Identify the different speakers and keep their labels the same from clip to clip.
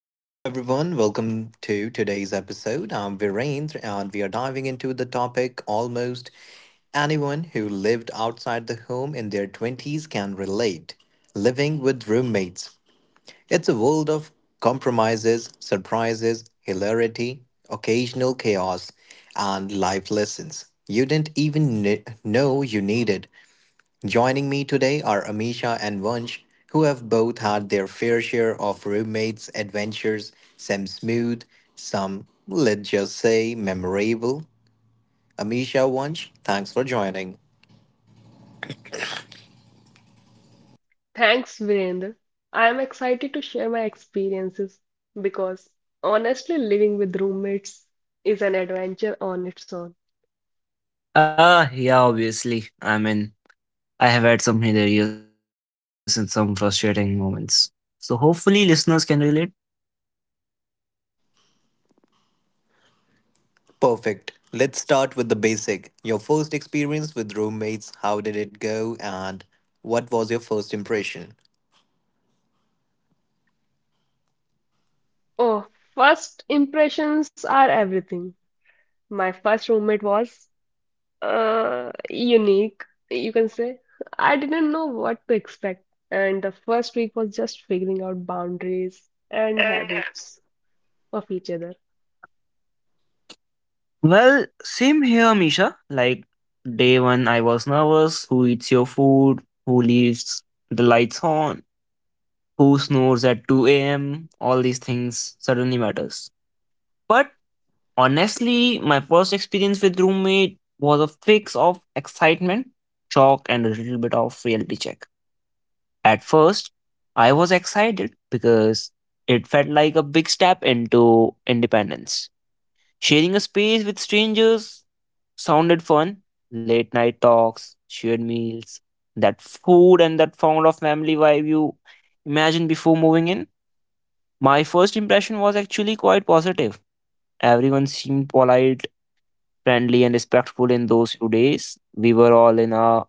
Speaker 1: Hello, everyone. Welcome to today's episode. I'm Virendra, and we are diving into the topic almost anyone who lived outside the home in their 20s can relate living with roommates. It's a world of compromises, surprises, hilarity, occasional chaos, and life lessons you didn't even know you needed. Joining me today are Amisha and Vansh, who have both had their fair share of roommates' adventures, some smooth, some, let's just say, memorable. Amisha, Vansh, thanks for joining.
Speaker 2: Thanks, Virendra. I am excited to share my experiences because honestly, living with roommates is an adventure on its own.
Speaker 3: Yeah, obviously. I have had some hilarious and some frustrating moments. So hopefully listeners can relate.
Speaker 1: Perfect. Let's start with the basic. Your first experience with roommates, how did it go, and what was your first impression?
Speaker 2: Oh, first impressions are everything. My first roommate was unique, you can say. I didn't know what to expect, and the first week was just figuring out boundaries and habits of each other.
Speaker 3: Well, same here, Misha. Day one I was nervous. Who eats your food, who leaves the lights on, who snores at 2 a.m.? All these things suddenly matters. But honestly, my first experience with roommate was a fix of excitement, shock, and a little bit of reality check. At first, I was excited because it felt like a big step into independence. Sharing a space with strangers sounded fun. Late night talks, shared meals, that food and that found of family vibe you imagined before moving in. My first impression was actually quite positive. Everyone seemed polite, friendly, and respectful in those few days. We were all in our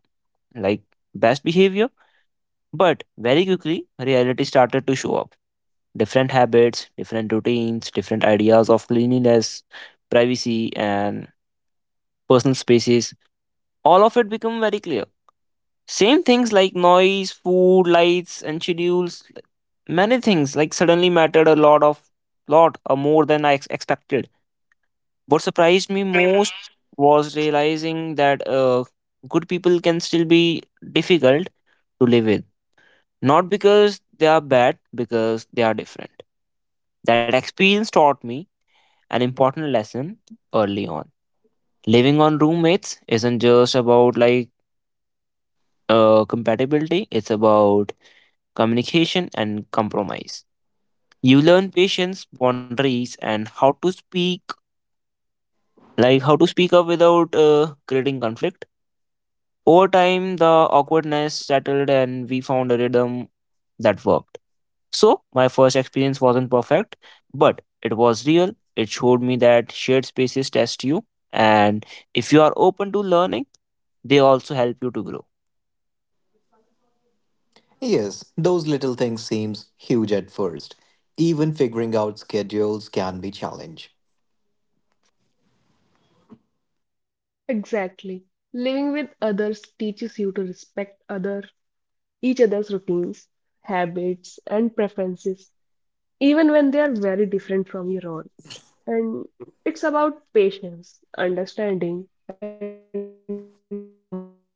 Speaker 3: like best behavior, but very quickly reality started to show up. Different habits, different routines, different ideas of cleanliness, privacy, and personal spaces. All of it become very clear. Same things like noise, food, lights, and schedules. Many things like suddenly mattered a lot of lot or more than expected. What surprised me most was realizing that good people can still be difficult to live with. Not because they are bad, because they are different. That experience taught me an important lesson early on. Living on roommates isn't just about compatibility. It's about communication and compromise. You learn patience, boundaries, and how to speak, how to speak up without creating conflict. Over time, the awkwardness settled, and we found a rhythm that worked. So, my first experience wasn't perfect, but it was real. It showed me that shared spaces test you, and if you are open to learning, they also help you to grow.
Speaker 1: Yes, those little things seems huge at first. Even figuring out schedules can be challenge.
Speaker 2: Exactly. Living with others teaches you to respect other each other's routines, habits, and preferences, even when they are very different from your own. And it's about patience, understanding, and compromise.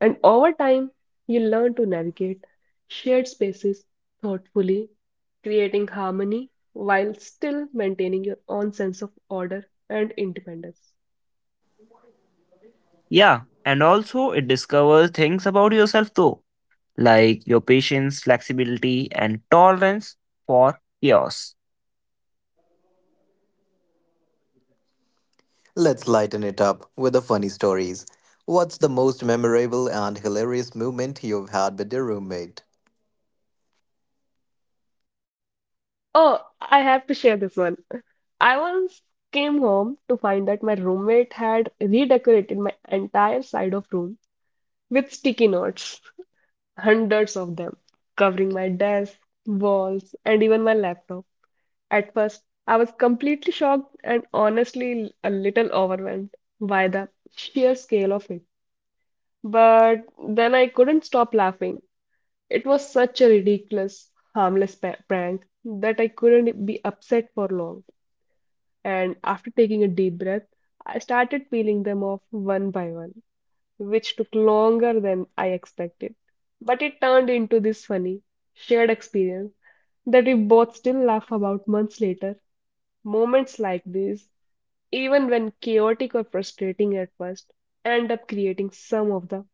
Speaker 2: And over time, you learn to navigate shared spaces thoughtfully, creating harmony while still maintaining your own sense of order and independence.
Speaker 3: Yeah, and also it discovers things about yourself too, like your patience, flexibility, and tolerance for chaos.
Speaker 1: Let's lighten it up with the funny stories. What's the most memorable and hilarious moment you've had with your roommate?
Speaker 2: Oh, I have to share this one. I once came home to find that my roommate had redecorated my entire side of room with sticky notes, hundreds of them, covering my desk, walls, and even my laptop. At first, I was completely shocked and honestly a little overwhelmed by the sheer scale of it. But then I couldn't stop laughing. It was such a ridiculous, harmless prank that I couldn't be upset for long. And after taking a deep breath, I started peeling them off one by one, which took longer than I expected. But it turned into this funny, shared experience that we both still laugh about months later. Moments like these, even when chaotic or frustrating at first, end up creating some of the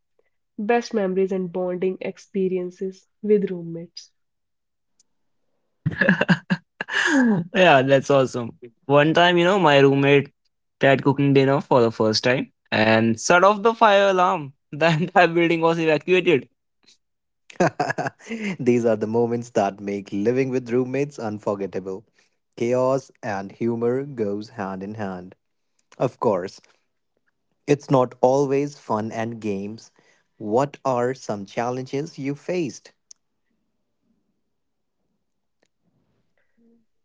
Speaker 2: best memories and bonding experiences with roommates.
Speaker 3: Yeah, that's awesome. One time, my roommate tried cooking dinner for the first time and set off the fire alarm. The entire building was evacuated.
Speaker 1: These are the moments that make living with roommates unforgettable. Chaos and humor goes hand in hand. Of course, it's not always fun and games. What are some challenges you faced?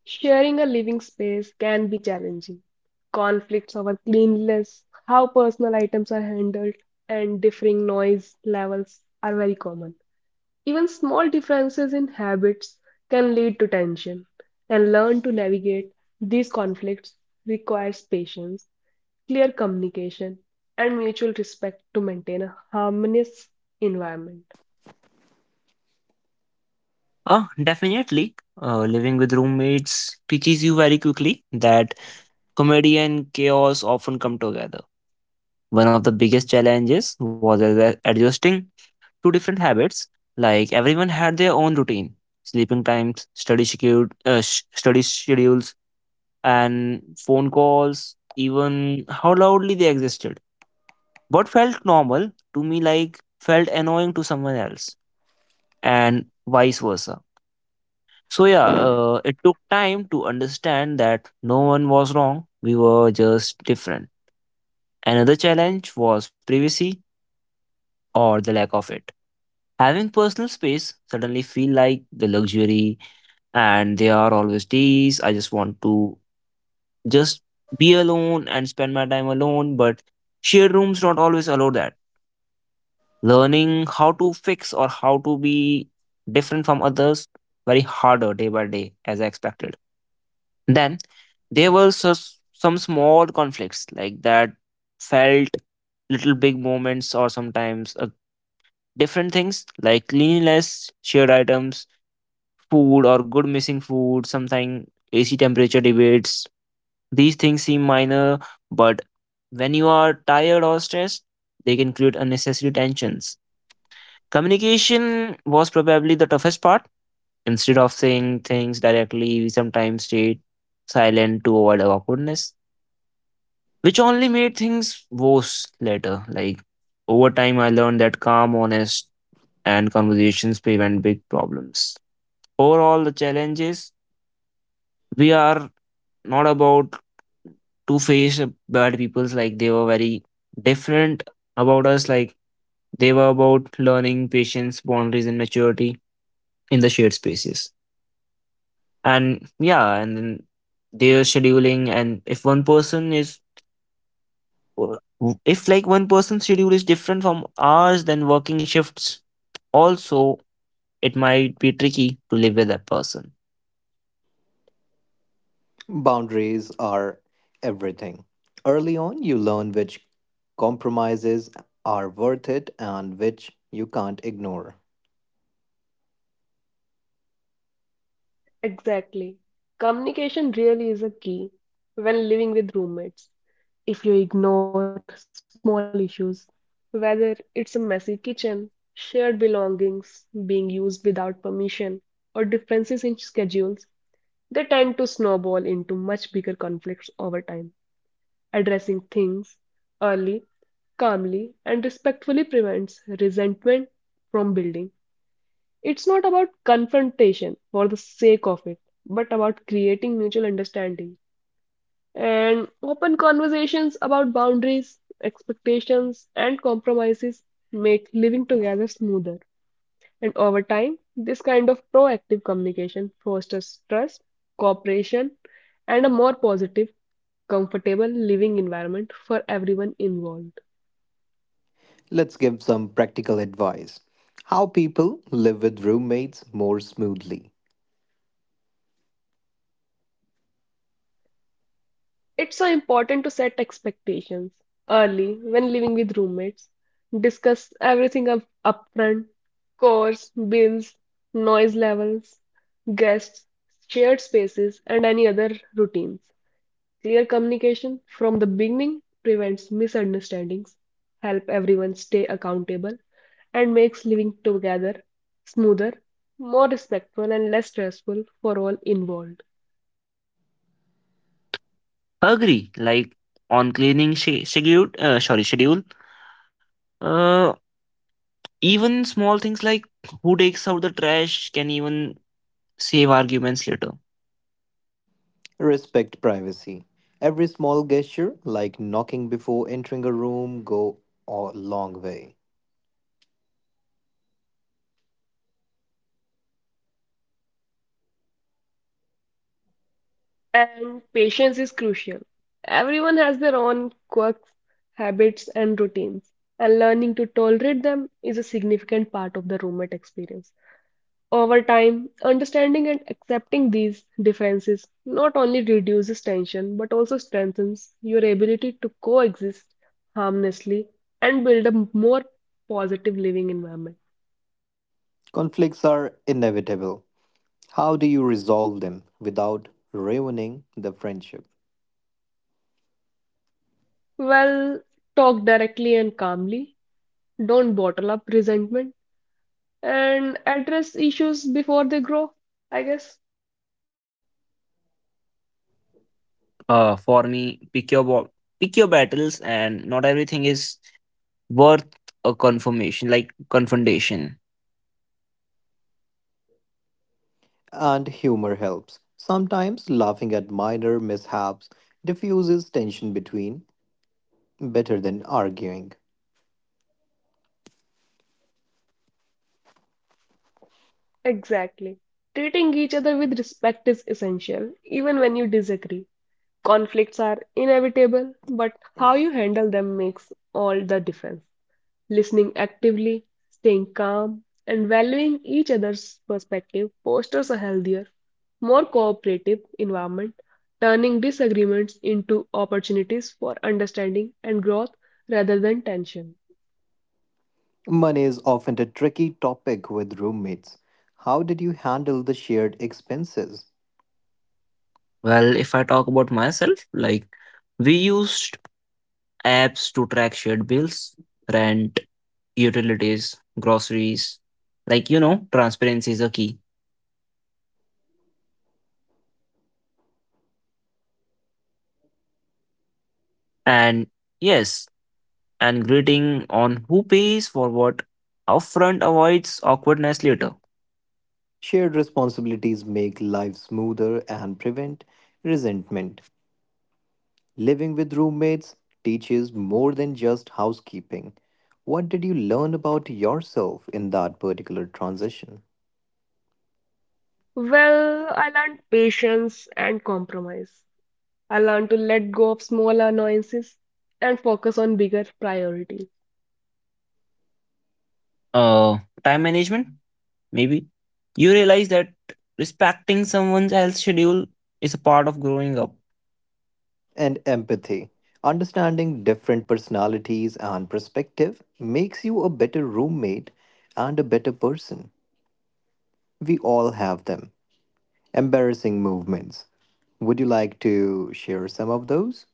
Speaker 2: Sharing a living space can be challenging. Conflicts over cleanliness, how personal items are handled, and differing noise levels are very common. Even small differences in habits can lead to tension, and learn to navigate these conflicts requires patience, clear communication, and mutual respect to maintain a harmonious environment.
Speaker 3: Oh, definitely. Living with roommates teaches you very quickly that comedy and chaos often come together. One of the biggest challenges was adjusting to different habits. Like everyone had their own routine, sleeping times, study schedule, study schedules, and phone calls. Even how loudly they existed. What felt normal to me, felt annoying to someone else, and vice versa. So yeah, it took time to understand that no one was wrong. We were just different. Another challenge was privacy or the lack of it. Having personal space suddenly feel like the luxury, and there are always days I just want to just be alone and spend my time alone, but shared rooms not always allow that. Learning how to fix or how to be different from others very harder day by day as I expected. Then there were some small conflicts like that felt little big moments, or sometimes different things like cleanliness, shared items, food or good missing food, sometimes AC temperature debates. These things seem minor, but when you are tired or stressed, they can create unnecessary tensions. Communication was probably the toughest part. Instead of saying things directly, we sometimes stayed silent to avoid awkwardness, which only made things worse later. Over time, I learned that calm, honest, and conversations prevent big problems. Overall, the challenge is we are not about to face bad peoples like they were very different about us, like they were about learning patience boundaries and maturity in the shared spaces. And yeah, and then their scheduling, and if one person is, if like one person's schedule is different from ours, then working shifts also, it might be tricky to live with that person.
Speaker 1: Boundaries are everything. Early on, you learn which compromises are worth it and which you can't ignore.
Speaker 2: Exactly. Communication really is a key when living with roommates. If you ignore small issues, whether it's a messy kitchen, shared belongings being used without permission, or differences in schedules, they tend to snowball into much bigger conflicts over time. Addressing things early, calmly, and respectfully prevents resentment from building. It's not about confrontation for the sake of it, but about creating mutual understanding. And open conversations about boundaries, expectations, and compromises make living together smoother. And over time, this kind of proactive communication fosters trust, cooperation, and a more positive, comfortable living environment for everyone involved.
Speaker 1: Let's give some practical advice. How people live with roommates more smoothly.
Speaker 2: It's so important to set expectations early when living with roommates. Discuss everything up upfront, course, bills, noise levels, guests, shared spaces, and any other routines. Clear communication from the beginning prevents misunderstandings, help everyone stay accountable, and makes living together smoother, more respectful, and less stressful for all involved.
Speaker 3: Agree, like on cleaning schedule. uh Even small things like who takes out the trash can even save arguments later.
Speaker 1: Respect privacy. Every small gesture, like knocking before entering a room, go a long way.
Speaker 2: And patience is crucial. Everyone has their own quirks, habits, and routines, and learning to tolerate them is a significant part of the roommate experience. Over time, understanding and accepting these differences not only reduces tension but also strengthens your ability to coexist harmlessly and build a more positive living environment.
Speaker 1: Conflicts are inevitable. How do you resolve them without ruining the friendship?
Speaker 2: Well, talk directly and calmly. Don't bottle up resentment and address issues before they grow, I guess.
Speaker 3: For me, pick your battles, and not everything is worth a confirmation like confrontation.
Speaker 1: And humor helps. Sometimes laughing at minor mishaps diffuses tension between better than arguing.
Speaker 2: Exactly. Treating each other with respect is essential, even when you disagree. Conflicts are inevitable, but how you handle them makes all the difference. Listening actively, staying calm, and valuing each other's perspective fosters a healthier, more cooperative environment, turning disagreements into opportunities for understanding and growth rather than tension.
Speaker 1: Money is often a tricky topic with roommates. How did you handle the shared expenses?
Speaker 3: Well, if I talk about myself, we used apps to track shared bills, rent, utilities, groceries. Transparency is a key. And yes, and greeting on who pays for what upfront avoids awkwardness later.
Speaker 1: Shared responsibilities make life smoother and prevent resentment. Living with roommates teaches more than just housekeeping. What did you learn about yourself in that particular transition?
Speaker 2: Well, I learned patience and compromise. I learned to let go of small annoyances and focus on bigger priorities.
Speaker 3: Uh, Time management, maybe. You realize that respecting someone else's schedule is a part of growing up.
Speaker 1: And empathy. Understanding different personalities and perspective makes you a better roommate and a better person. We all have them. Embarrassing movements. Would you like to share some of those?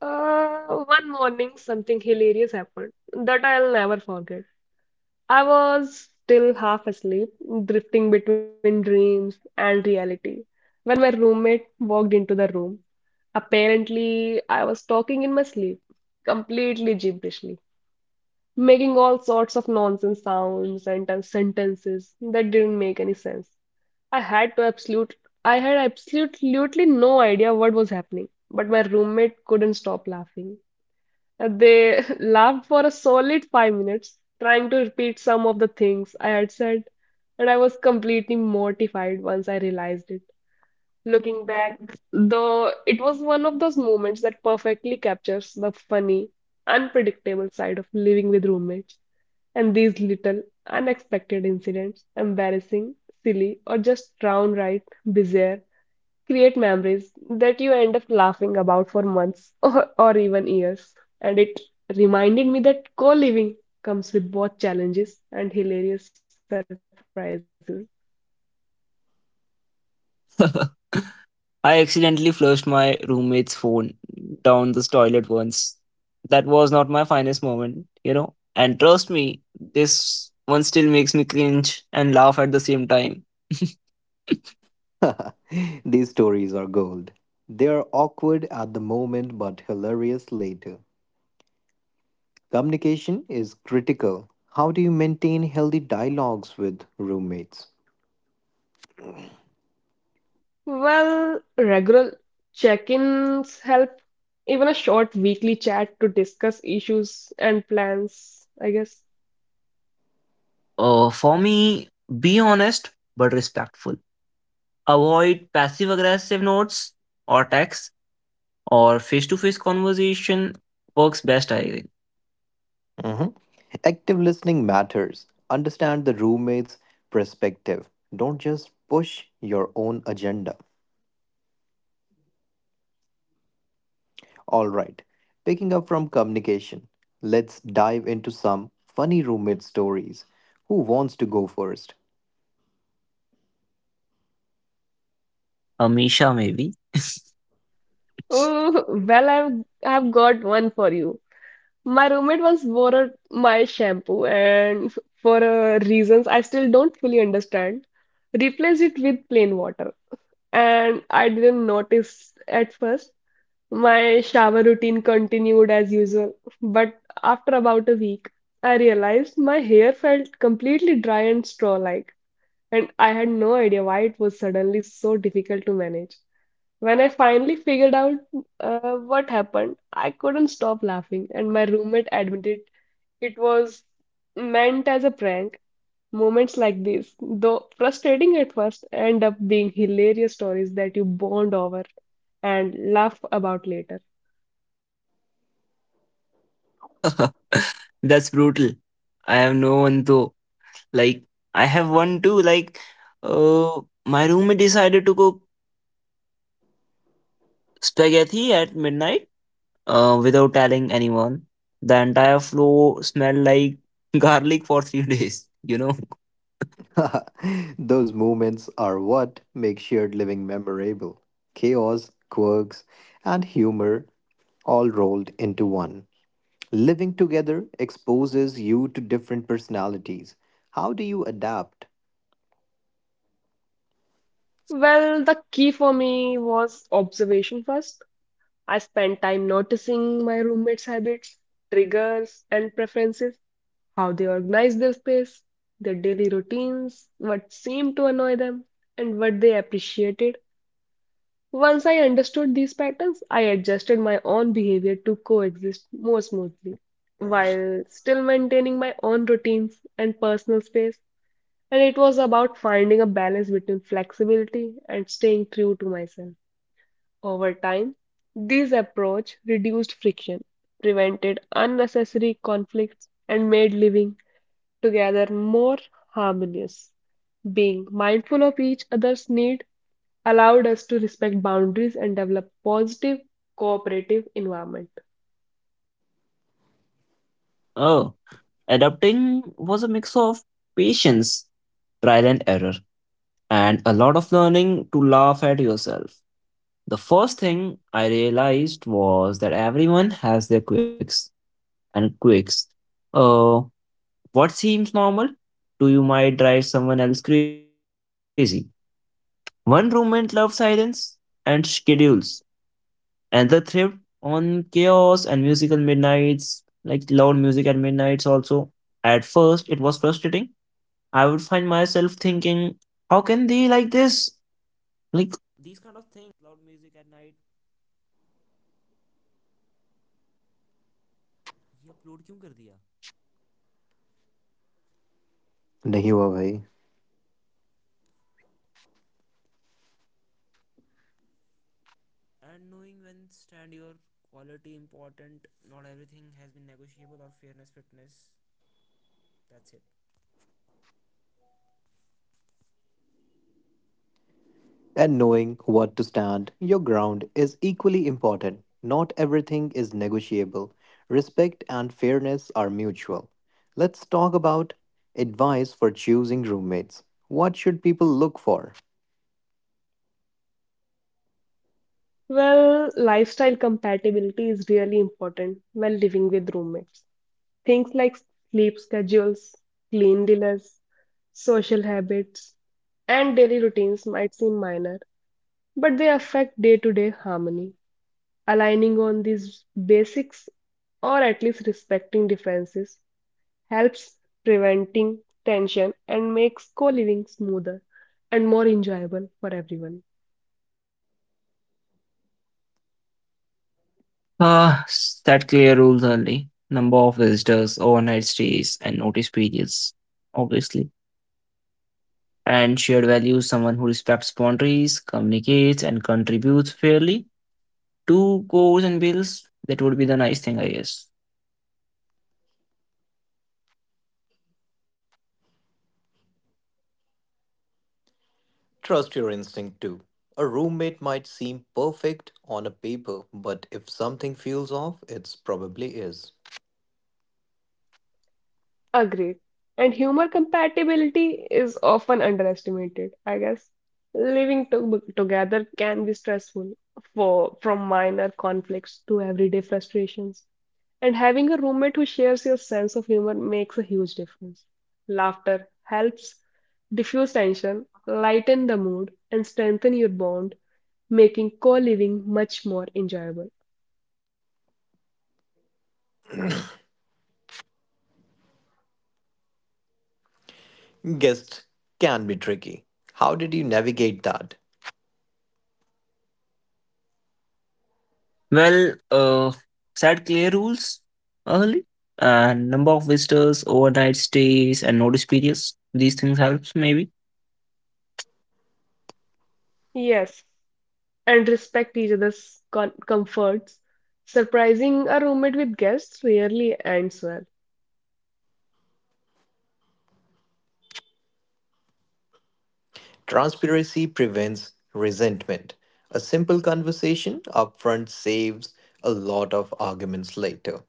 Speaker 2: One morning, something hilarious happened that I'll never forget. I was still half asleep, drifting between dreams and reality, when my roommate walked into the room. Apparently, I was talking in my sleep, completely gibberishly, making all sorts of nonsense sounds and sentences that didn't make any sense. I had to absolute I had absolutely no idea what was happening, but my roommate couldn't stop laughing. They laughed for a solid 5 minutes, trying to repeat some of the things I had said, and I was completely mortified once I realized it. Looking back, the it was one of those moments that perfectly captures the funny, unpredictable side of living with roommates. And these little unexpected incidents, embarrassing, silly, or just downright bizarre, create memories that you end up laughing about for months or even years. And it reminded me that co living comes with both challenges and hilarious surprises.
Speaker 3: I accidentally flushed my roommate's phone down the toilet once. That was not my finest moment, you know. And trust me, this one still makes me cringe and laugh at the same time.
Speaker 1: These stories are gold. They are awkward at the moment but hilarious later. Communication is critical. How do you maintain healthy dialogues with roommates?
Speaker 2: Well, regular check-ins help, even a short weekly chat to discuss issues and plans, I guess.
Speaker 3: For me, be honest but respectful. Avoid passive aggressive notes or texts, or face to face conversation works best, I think.
Speaker 1: Mhm. Active listening matters. Understand the roommate's perspective. Don't just push your own agenda. All right, picking up from communication, let's dive into some funny roommate stories. Who wants to go first?
Speaker 3: Amisha, maybe.
Speaker 2: Oh, well, I've got one for you. My roommate once borrowed my shampoo and for reasons I still don't fully understand, replaced it with plain water. And I didn't notice at first. My shower routine continued as usual, but after about a week, I realized my hair felt completely dry and straw-like, and I had no idea why it was suddenly so difficult to manage. When I finally figured out what happened, I couldn't stop laughing, and my roommate admitted it was meant as a prank. Moments like this, though frustrating at first, end up being hilarious stories that you bond over and laugh about later.
Speaker 3: That's brutal. I have no one though. Like, I have one too. Uh, my roommate decided to cook spaghetti at midnight without telling anyone. The entire floor smelled like garlic for 3 days, you know?
Speaker 1: Those moments are what make shared living memorable. Chaos, quirks, and humor all rolled into one. Living together exposes you to different personalities. How do you adapt?
Speaker 2: Well, the key for me was observation first. I spent time noticing my roommates' habits, triggers, and preferences, how they organize their space, their daily routines, what seemed to annoy them, and what they appreciated. Once I understood these patterns, I adjusted my own behavior to coexist more smoothly, while still maintaining my own routines and personal space. And it was about finding a balance between flexibility and staying true to myself. Over time, this approach reduced friction, prevented unnecessary conflicts, and made living together more harmonious. Being mindful of each other's need allowed us to respect boundaries and develop positive cooperative environment.
Speaker 3: Oh, adapting was a mix of patience, trial and error, and a lot of learning to laugh at yourself. The first thing I realized was that everyone has their quirks. Uh, what seems normal to you might drive someone else crazy. One roommate loves silence and schedules, and the thrived on chaos and musical midnights, like loud music at midnights also. At first, it was frustrating. I would find myself thinking, how can they like this? Like,
Speaker 1: नहीं हुआ भाई. And knowing what to stand your ground is equally important. Not everything is negotiable. Respect and fairness are mutual. Let's talk about advice for choosing roommates. What should people look for?
Speaker 2: Well, lifestyle compatibility is really important when living with roommates. Things like sleep schedules, clean dinners, social habits, and daily routines might seem minor, but they affect day-to-day harmony. Aligning on these basics, or at least respecting differences, helps preventing tension and makes co-living smoother and more enjoyable for everyone.
Speaker 3: Set clear rules early. Number of visitors, overnight stays, and notice periods, obviously. And shared values, someone who respects boundaries, communicates, and contributes fairly. Two goals and bills, that would be the nice thing, I guess.
Speaker 1: Trust your instinct too. A roommate might seem perfect on a paper, but if something feels off, it probably is.
Speaker 2: Agreed. And humor compatibility is often underestimated, I guess. Living to together can be stressful for from minor conflicts to everyday frustrations. And having a roommate who shares your sense of humor makes a huge difference. Laughter helps diffuse tension, lighten the mood, and strengthen your bond, making co-living much more enjoyable.
Speaker 1: Guests can be tricky. How did you navigate that?
Speaker 3: Well, set clear rules early. And number of visitors, overnight stays, and notice periods. These things helps maybe.
Speaker 2: Yes, and respect each other's comforts. Surprising a roommate with guests rarely ends well.
Speaker 1: Transparency prevents resentment. A simple conversation upfront saves a lot of arguments later.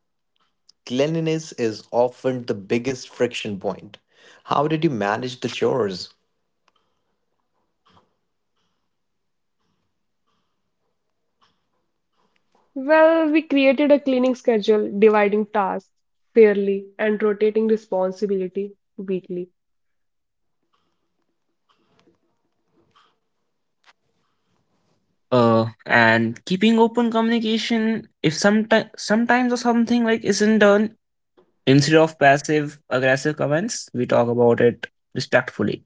Speaker 1: Cleanliness is often the biggest friction point. How did you manage the chores?
Speaker 2: Well, we created a cleaning schedule, dividing tasks fairly and rotating responsibility weekly.
Speaker 3: And keeping open communication if sometimes or something like isn't done. Instead of passive aggressive comments, we talk about it respectfully.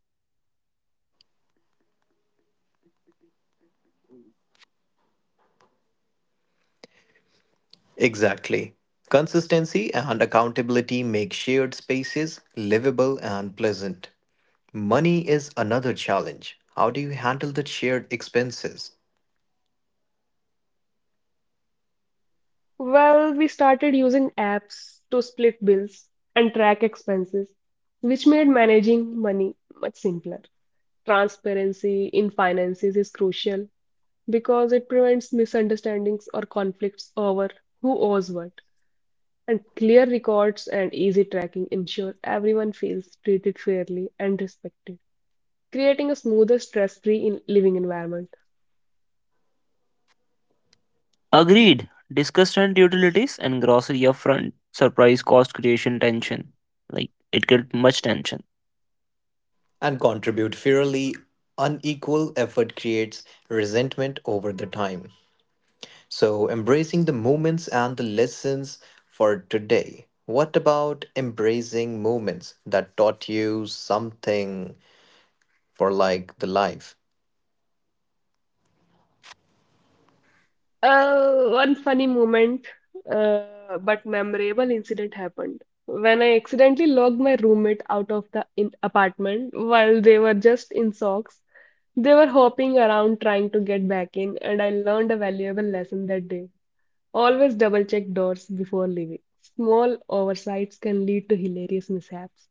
Speaker 1: Exactly. Consistency and accountability make shared spaces livable and pleasant. Money is another challenge. How do you handle the shared expenses?
Speaker 2: Well, we started using apps to split bills and track expenses, which made managing money much simpler. Transparency in finances is crucial because it prevents misunderstandings or conflicts over who owes what. And clear records and easy tracking ensure everyone feels treated fairly and respected, creating a smoother, stress-free in living environment.
Speaker 3: Agreed. Discuss rent utilities and grocery upfront. Surprise cost creation tension. Like it created much tension.
Speaker 1: And contribute fairly, unequal effort creates resentment over the time. So, embracing the moments and the lessons for today. What about embracing moments that taught you something for like the life?
Speaker 2: One funny moment, but memorable incident happened when I accidentally locked my roommate out of the in apartment while they were just in socks. They were hopping around trying to get back in, and I learned a valuable lesson that day. Always double check doors before leaving. Small oversights can lead to hilarious mishaps.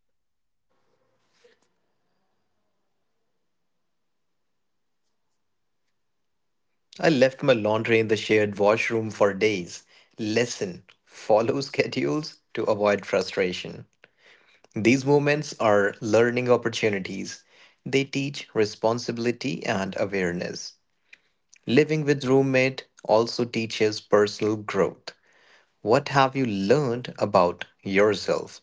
Speaker 1: I left my laundry in the shared washroom for days. Lesson follow schedules to avoid frustration. These moments are learning opportunities. They teach responsibility and awareness. Living with roommate also teaches personal growth. What have you learned about yourself?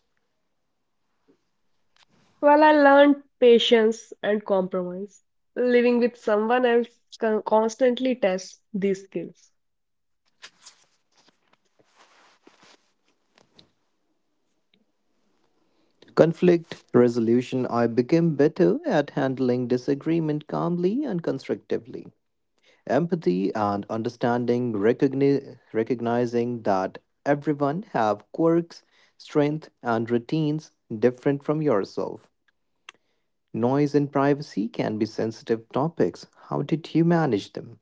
Speaker 2: Well, I learned patience and compromise. Living with someone else constantly tests these skills.
Speaker 1: Conflict resolution I became better at handling disagreement calmly and constructively. Empathy and understanding recognizing that everyone have quirks, strength and routines different from yourself. Noise and privacy can be sensitive topics. How did you manage them?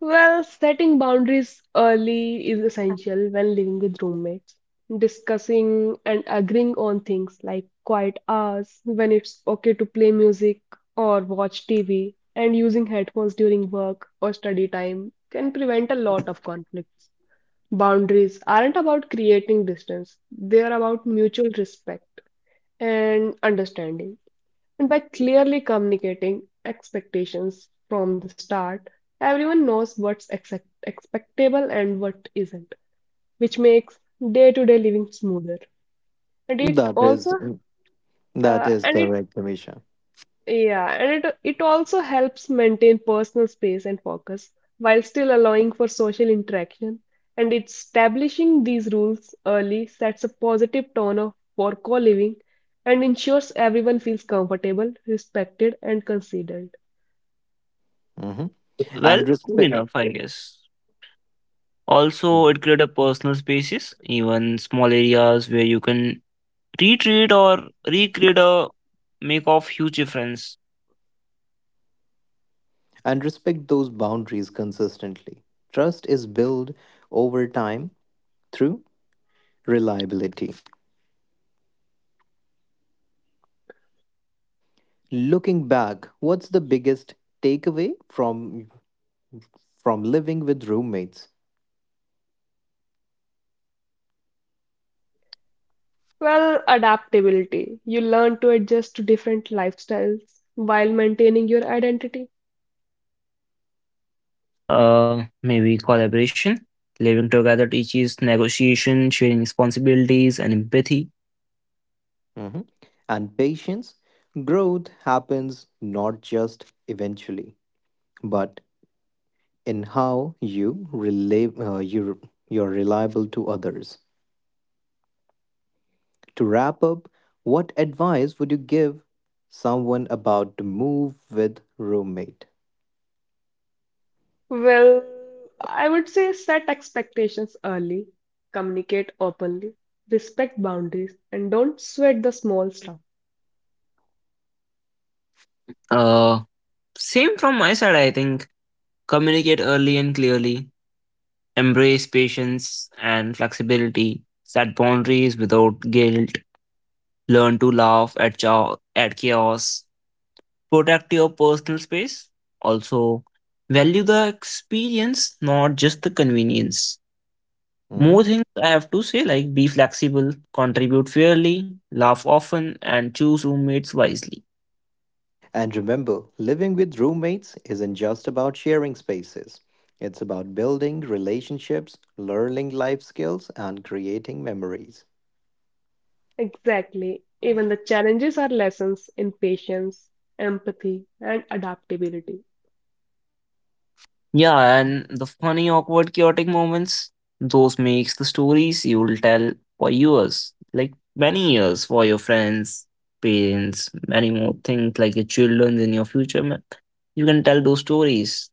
Speaker 2: Well, setting boundaries early is essential when living with roommates. Discussing and agreeing on things like quiet hours, when it's okay to play music or watch TV, and using headphones during work or study time can prevent a lot of conflicts. Boundaries aren't about creating distance, they are about mutual respect and understanding. And by clearly communicating expectations from the start, everyone knows what's exact expectable and what isn't, which makes day-to-day living smoother. And it
Speaker 1: That is
Speaker 2: also,
Speaker 1: That is
Speaker 2: and it
Speaker 1: correct, Amisha.
Speaker 2: Yeah, and it also helps maintain personal space and focus while still allowing for social interaction. And establishing these rules early sets a positive tone of for co-living and ensures everyone feels comfortable, respected, and considered.
Speaker 1: Hmm.
Speaker 3: Well,
Speaker 1: And
Speaker 3: cool
Speaker 1: respect.
Speaker 3: enough, I guess. Also,
Speaker 1: Mhm.
Speaker 3: it created a personal spaces, even small areas where you can retreat or recreate a make of huge difference.
Speaker 1: And respect those boundaries consistently. Trust is built over time through reliability. Looking back, what's the biggest takeaway from living with roommates?
Speaker 2: Well, adaptability. You learn to adjust to different lifestyles while maintaining your identity.
Speaker 3: Maybe collaboration, living together teaches negotiation, sharing responsibilities, and empathy.
Speaker 1: Mhm. And patience, growth happens not just eventually, but in how you relate, you're reliable to others. To wrap up, what advice would you give someone about to move with roommate?
Speaker 2: Well, I would say set expectations early, communicate openly, respect boundaries, and don't sweat the small stuff.
Speaker 3: Uh, Same from my side, I think. Communicate early and clearly, embrace patience and flexibility, set boundaries without guilt, learn to laugh at, at chaos, protect your personal space. Also, value the experience, not just the convenience.
Speaker 1: Mhm.
Speaker 3: More things I have to say, like be flexible, contribute fairly, laugh often, and choose roommates wisely.
Speaker 1: And remember, living with roommates isn't just about sharing spaces. It's about building relationships, learning life skills, and creating memories.
Speaker 2: Exactly. Even the challenges are lessons in patience, empathy, and adaptability.
Speaker 3: Yeah, and the funny, awkward, chaotic moments, those makes the stories you'll tell for years, like many years, for your friends, parents, many more things like your children in your future. You can tell those stories.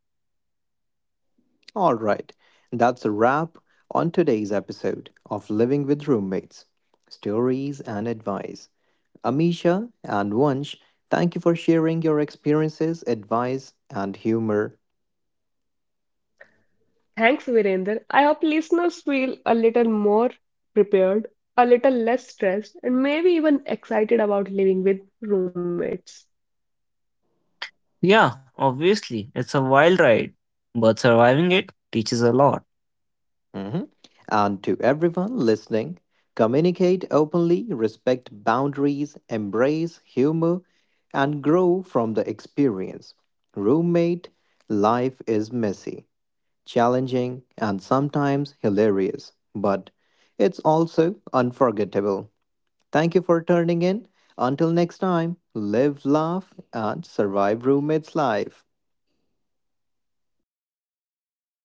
Speaker 1: All right, that's a wrap on today's episode of Living with Roommates Stories and Advice. Amisha and Vansh, thank you for sharing your experiences, advice, and humor.
Speaker 2: Thanks, Virender. I hope listeners feel a little more prepared, a little less stressed, and maybe even excited about living with roommates.
Speaker 3: Yeah, obviously, it's a wild ride, but surviving it teaches a lot.
Speaker 1: Mhm. And to everyone listening, communicate openly, respect boundaries, embrace humor, and grow from the experience. Roommate, life is messy, challenging, and sometimes hilarious, but it's also unforgettable. Thank you for turning in. Until next time, live, laugh, and survive roommates' life.